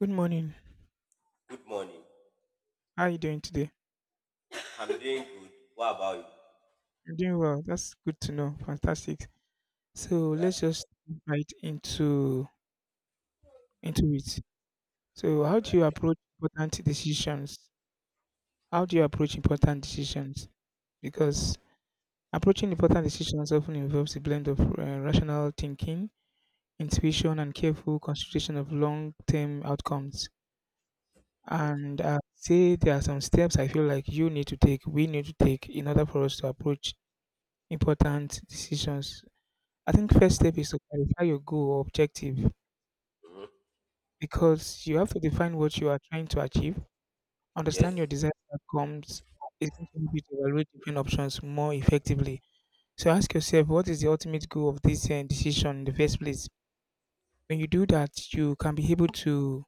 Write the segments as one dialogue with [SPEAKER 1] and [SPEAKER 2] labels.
[SPEAKER 1] Good morning.
[SPEAKER 2] Good morning.
[SPEAKER 1] How are you doing today?
[SPEAKER 2] I'm doing good. What about you?
[SPEAKER 1] I'm doing well. That's good to know. Fantastic. So
[SPEAKER 2] All right.
[SPEAKER 1] let's just dive right into it. So how
[SPEAKER 2] All
[SPEAKER 1] do you
[SPEAKER 2] right.
[SPEAKER 1] approach important decisions? How do you approach important decisions? Because approaching important decisions often involves a blend of rational thinking, intuition, and careful consideration of long-term outcomes.
[SPEAKER 2] Okay.
[SPEAKER 1] And I say there are some steps I feel like you need to take, we need to take in order for us to approach important decisions. I think
[SPEAKER 2] All right.
[SPEAKER 1] first step is to clarify your goal or objective
[SPEAKER 2] Mm-hmm.
[SPEAKER 1] because you have to define what you are trying to achieve.
[SPEAKER 2] Yes.
[SPEAKER 1] Understand your desired outcomes is going to help you to evaluate different options more effectively. So ask yourself what is the ultimate goal of this decision in the first place. When you do that, you can be able to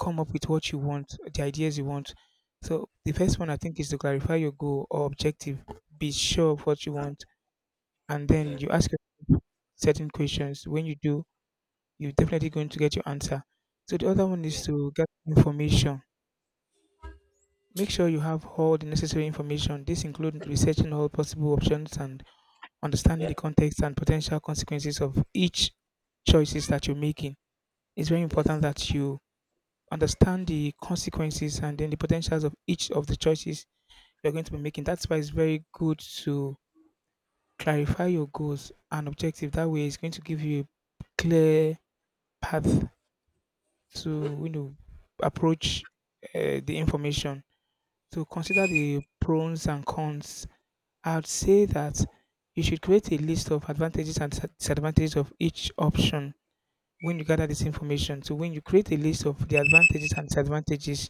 [SPEAKER 1] come up with what you want, the ideas you want. So the first one I think is to clarify your goal or objective. Be sure of what you want, and then
[SPEAKER 2] Yeah.
[SPEAKER 1] you ask yourself certain questions. When you do, you're definitely going to get your answer. So the other one
[SPEAKER 2] Yeah.
[SPEAKER 1] is to get information. Make sure you have all the necessary information. This includes researching all possible options and understanding
[SPEAKER 2] Yeah.
[SPEAKER 1] the context and potential consequences of each choices that you're making. It's very important
[SPEAKER 2] Yes.
[SPEAKER 1] that you understand the consequences and then the potentials of each of the choices you're going to be making. That's why it's very good to clarify your goals and objective. That way, it's going to give you a clear path
[SPEAKER 2] Mm-hmm.
[SPEAKER 1] to approach the information, to consider the pros and cons. I'd say that you should create a list of advantages and disadvantages of each option. When you gather this
[SPEAKER 2] Mm-hmm.
[SPEAKER 1] information, so when you create a list of the advantages and disadvantages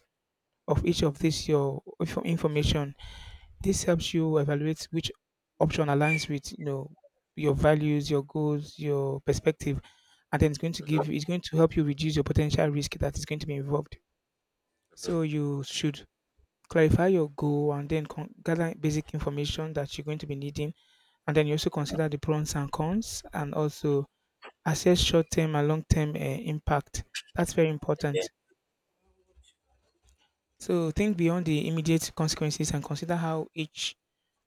[SPEAKER 1] of each of this your information, this helps you evaluate which option aligns with your values, your goals, your perspective, and then it's going to give, it's going to help you reduce your potential risk that is going to be involved.
[SPEAKER 2] Mm-hmm.
[SPEAKER 1] So you should clarify your goal and then gather basic information that you're going to be needing. And then you also consider the pros and cons and also assess short term and long term impact. That's very
[SPEAKER 2] Yeah.
[SPEAKER 1] important. So think beyond the immediate consequences and consider how each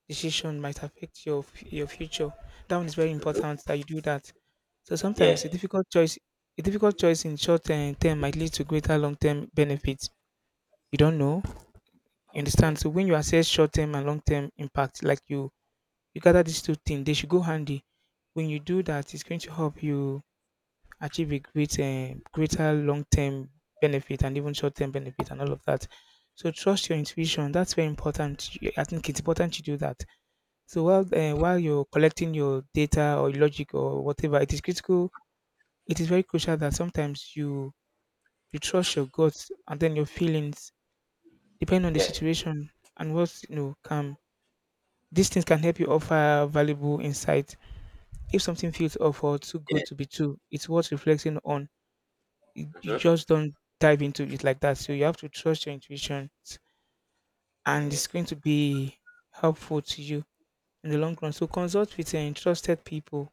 [SPEAKER 1] decision might affect your your future. That one is very
[SPEAKER 2] Mm-hmm.
[SPEAKER 1] important that you do that. So
[SPEAKER 2] Yeah.
[SPEAKER 1] sometimes a difficult choice, a difficult choice in short term might lead to greater long term benefits. You don't
[SPEAKER 2] Mm-hmm.
[SPEAKER 1] know. You
[SPEAKER 2] Yeah.
[SPEAKER 1] understand? So when you assess short term and long term impact, like you gather these two things, they should go handy. When you do that, it's going to help you achieve a great, greater long term benefit and even short term benefit and all of that. So trust your intuition. That's very important. I think it's important to do that. So while you're collecting your data or logic or whatever, it is critical. It is very crucial that sometimes you trust your gut and then your feelings, depending on the
[SPEAKER 2] Yeah.
[SPEAKER 1] situation and what's can. These things can help you offer valuable insight. If something feels off or too
[SPEAKER 2] Yeah.
[SPEAKER 1] good to be true, it's worth reflecting on. You
[SPEAKER 2] Mm-hmm.
[SPEAKER 1] just don't dive into it like that. So you have to trust your intuition, and it's
[SPEAKER 2] Yes.
[SPEAKER 1] going to be helpful to you in the long run. So consult with trusted people.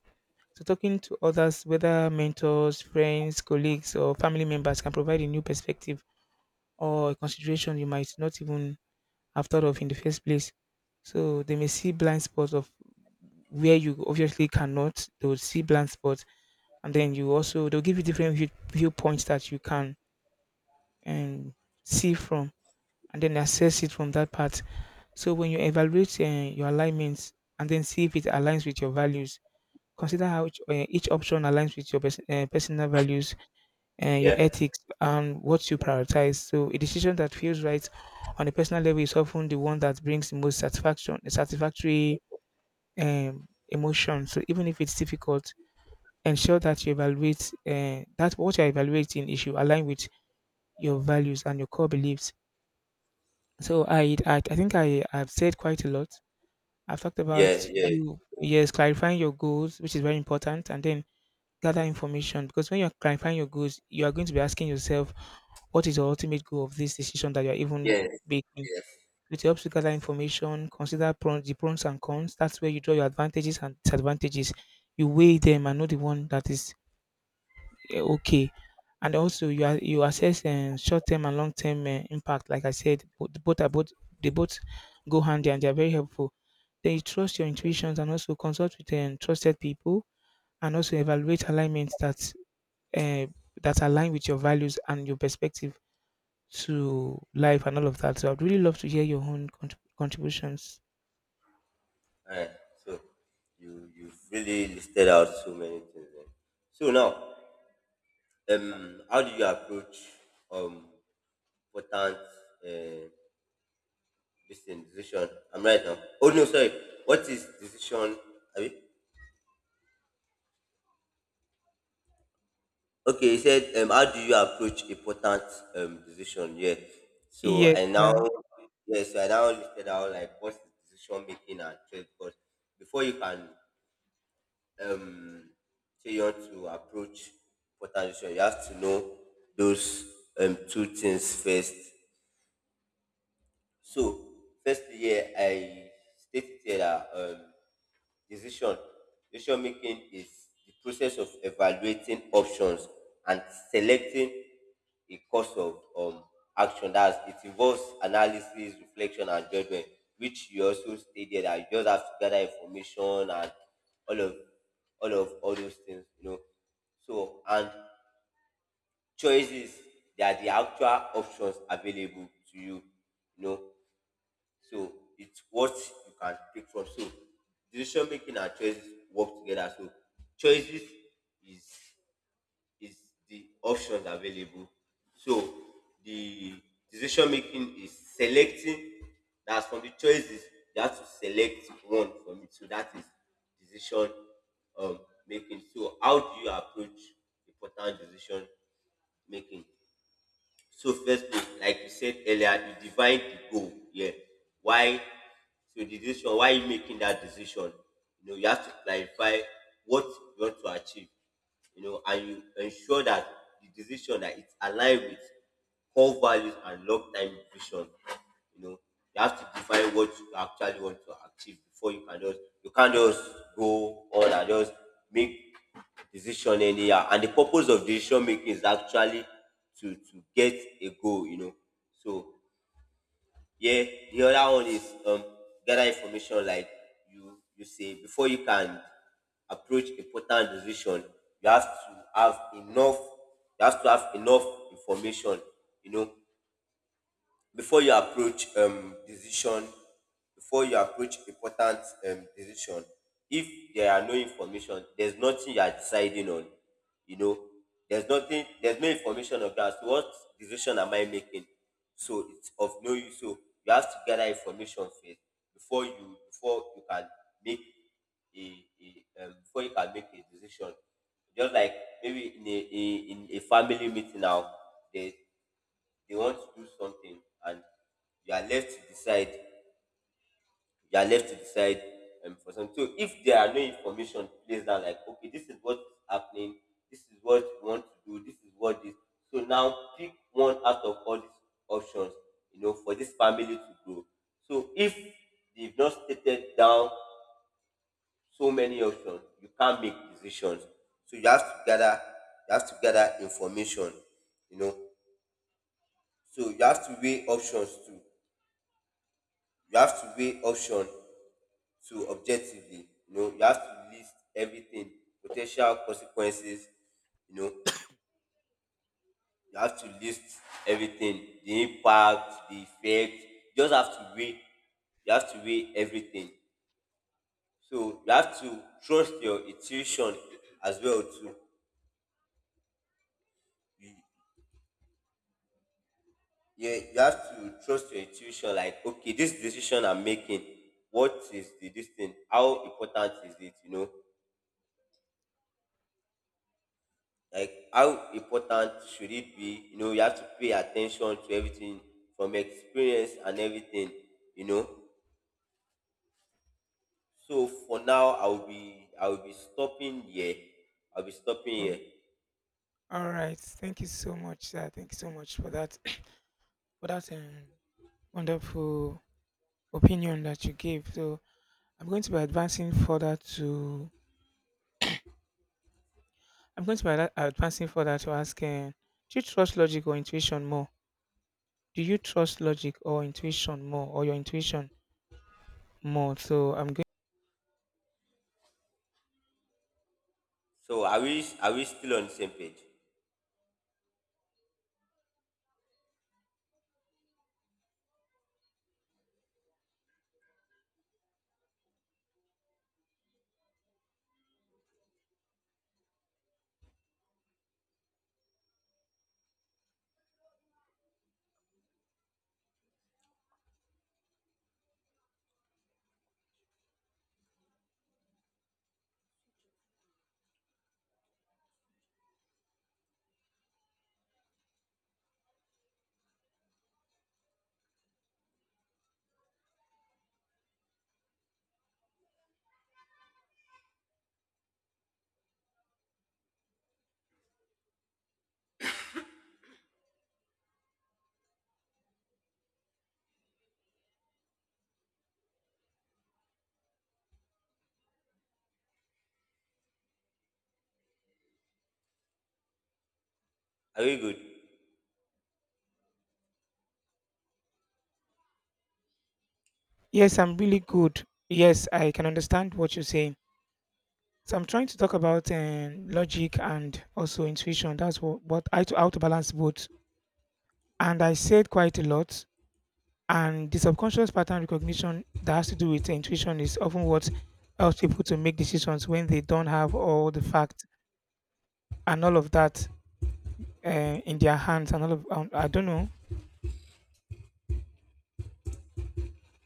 [SPEAKER 1] So talking to others, whether mentors, friends, colleagues, or family members, can provide a new perspective or a consideration you might not even after of in the first place. So they may see blind spots of where you obviously cannot. They will see blind spots, and then you also they'll give you different viewpoints that you can um, see from, and then assess it from that part. So when you evaluate your alignments and then see if it aligns with your values, consider how each option aligns with your personal values and your
[SPEAKER 2] Yeah.
[SPEAKER 1] ethics and what you prioritize. So a decision that feels right on a personal level is often the one that brings the most satisfactory emotion. So even if it's difficult, ensure that you evaluate that what you're evaluating is you align with your values and your core beliefs. So I think I have said quite a lot. I've talked
[SPEAKER 2] Yeah.
[SPEAKER 1] about
[SPEAKER 2] Yeah.
[SPEAKER 1] you, yes, clarifying your goals, which is very important, and then gather information because when you're clarifying your goals, you are going to be asking yourself what is the ultimate goal of this decision that you're even
[SPEAKER 2] Yes.
[SPEAKER 1] making.
[SPEAKER 2] Yes.
[SPEAKER 1] It helps you gather information, consider the pros and cons. That's where you draw your advantages and disadvantages. You weigh them and know the one that is eh, okay. And also you assess short-term and long-term impact. Like I said, both, they both go handy and they are very helpful. Then you trust your intuitions and also consult with trusted people and also evaluate alignments that uh, that align with your values and your perspective to life and all of that. So I'd really love to hear your own contributions.
[SPEAKER 2] All right. So you've really listed out so many things. There. So now, how do you approach um important uh, listen, decision. I'm right now. Oh no, sorry. What is decision? I mean, okay, he said, how do you approach important decision? Yeah. So
[SPEAKER 1] Yeah,
[SPEAKER 2] I now
[SPEAKER 1] yeah.
[SPEAKER 2] yeah, so I now listed out like what's the decision making and trade, because before you can um say you want to approach important decision, you have to know those two things first. So firstly, yeah, I stated here that decision. Decision making is the process of evaluating options and selecting a course of action. That's it involves analysis, reflection, and judgment, which you also stated that you just have to gather information and all of all of all those things, you know. So and choices, they are the actual options available to you, you know. So it's what you can pick from. So decision making and choices work together. So choices is is the options available. So the decision making is selecting. That's from the choices. You have to select one from it. So that is decision, um, making. So how do you approach important decision making? So firstly, like you said earlier, you divide the goal. Yeah. Why? So the decision, why are you making that decision? You know, you have to clarify what you want to achieve. You know, and you ensure that the decision that it's aligned with core values and long-time vision. You know, you have to define what you actually want to achieve before you can just, you can't just go on and just make decision anyhow. And the purpose of decision making is actually to get a goal, you know. So yeah, the other one is gather information. Like you say, before you can approach important decision, you have to have enough, you have to have enough information you know, before you approach decision, before you approach important decision. If there are no information, there's nothing you are deciding on, you know. There's nothing, there's no information of that, so what decision am I making? So it's of no use. So you have to gather information first before you, before you can make a before you can make a decision. Just like maybe in a in a family meeting now, there, they want to do something, and you are left to decide, you are left to decide for something. So if there are no information placed down, like, okay, this is what is happening, this is what you want to do, this is what this, so now pick one out of all these options, you know, for this family to grow. So if they've not stated down so many options, you can't make decisions. So you have to gather information, you know. So you have to weigh options too. You have to weigh option to, objectively, you know, you have to list everything, potential consequences, you know. You have to list everything, the impact, the effect. You just have to weigh, you have to weigh everything. So you have to trust your intuition as well too. You, yeah, you have to trust your intuition, like, okay, this decision I'm making, what is the this thing, how important is it, you know, like how important should it be, you know. You have to pay attention to everything, from experience and everything, you know. So for now, I'll be stopping here, I'll be stopping
[SPEAKER 1] Oh,
[SPEAKER 2] here.
[SPEAKER 1] all right. Thank you so much, sir. Thank you so much for that for that wonderful opinion that you gave. So I'm going to be advancing further to, I'm going to be advancing further to ask: do you trust logic or intuition more? Do you trust logic or intuition more, or your intuition more? So I'm going.
[SPEAKER 2] So are we still on the same page? Are we good?
[SPEAKER 1] Yes, I'm really good. Yes, I can understand what you're saying. So I'm trying to talk about logic and also intuition. That's how to balance both. And I said quite a lot. And the subconscious pattern recognition that has to do with intuition is often what helps people to make decisions when they don't have all the facts and all of that uh, in their hands. And all of I don't know.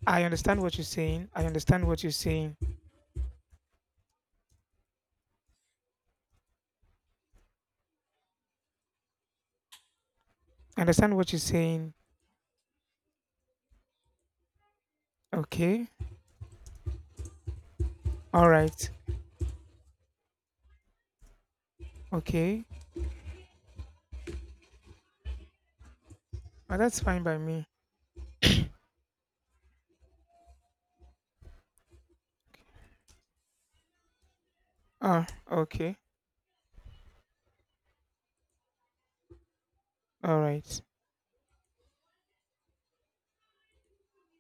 [SPEAKER 1] I understand what you're saying. I understand what you're saying. I understand what you're saying. Okay. All right. Okay. Oh, that's fine by me. Ah. Okay. All right.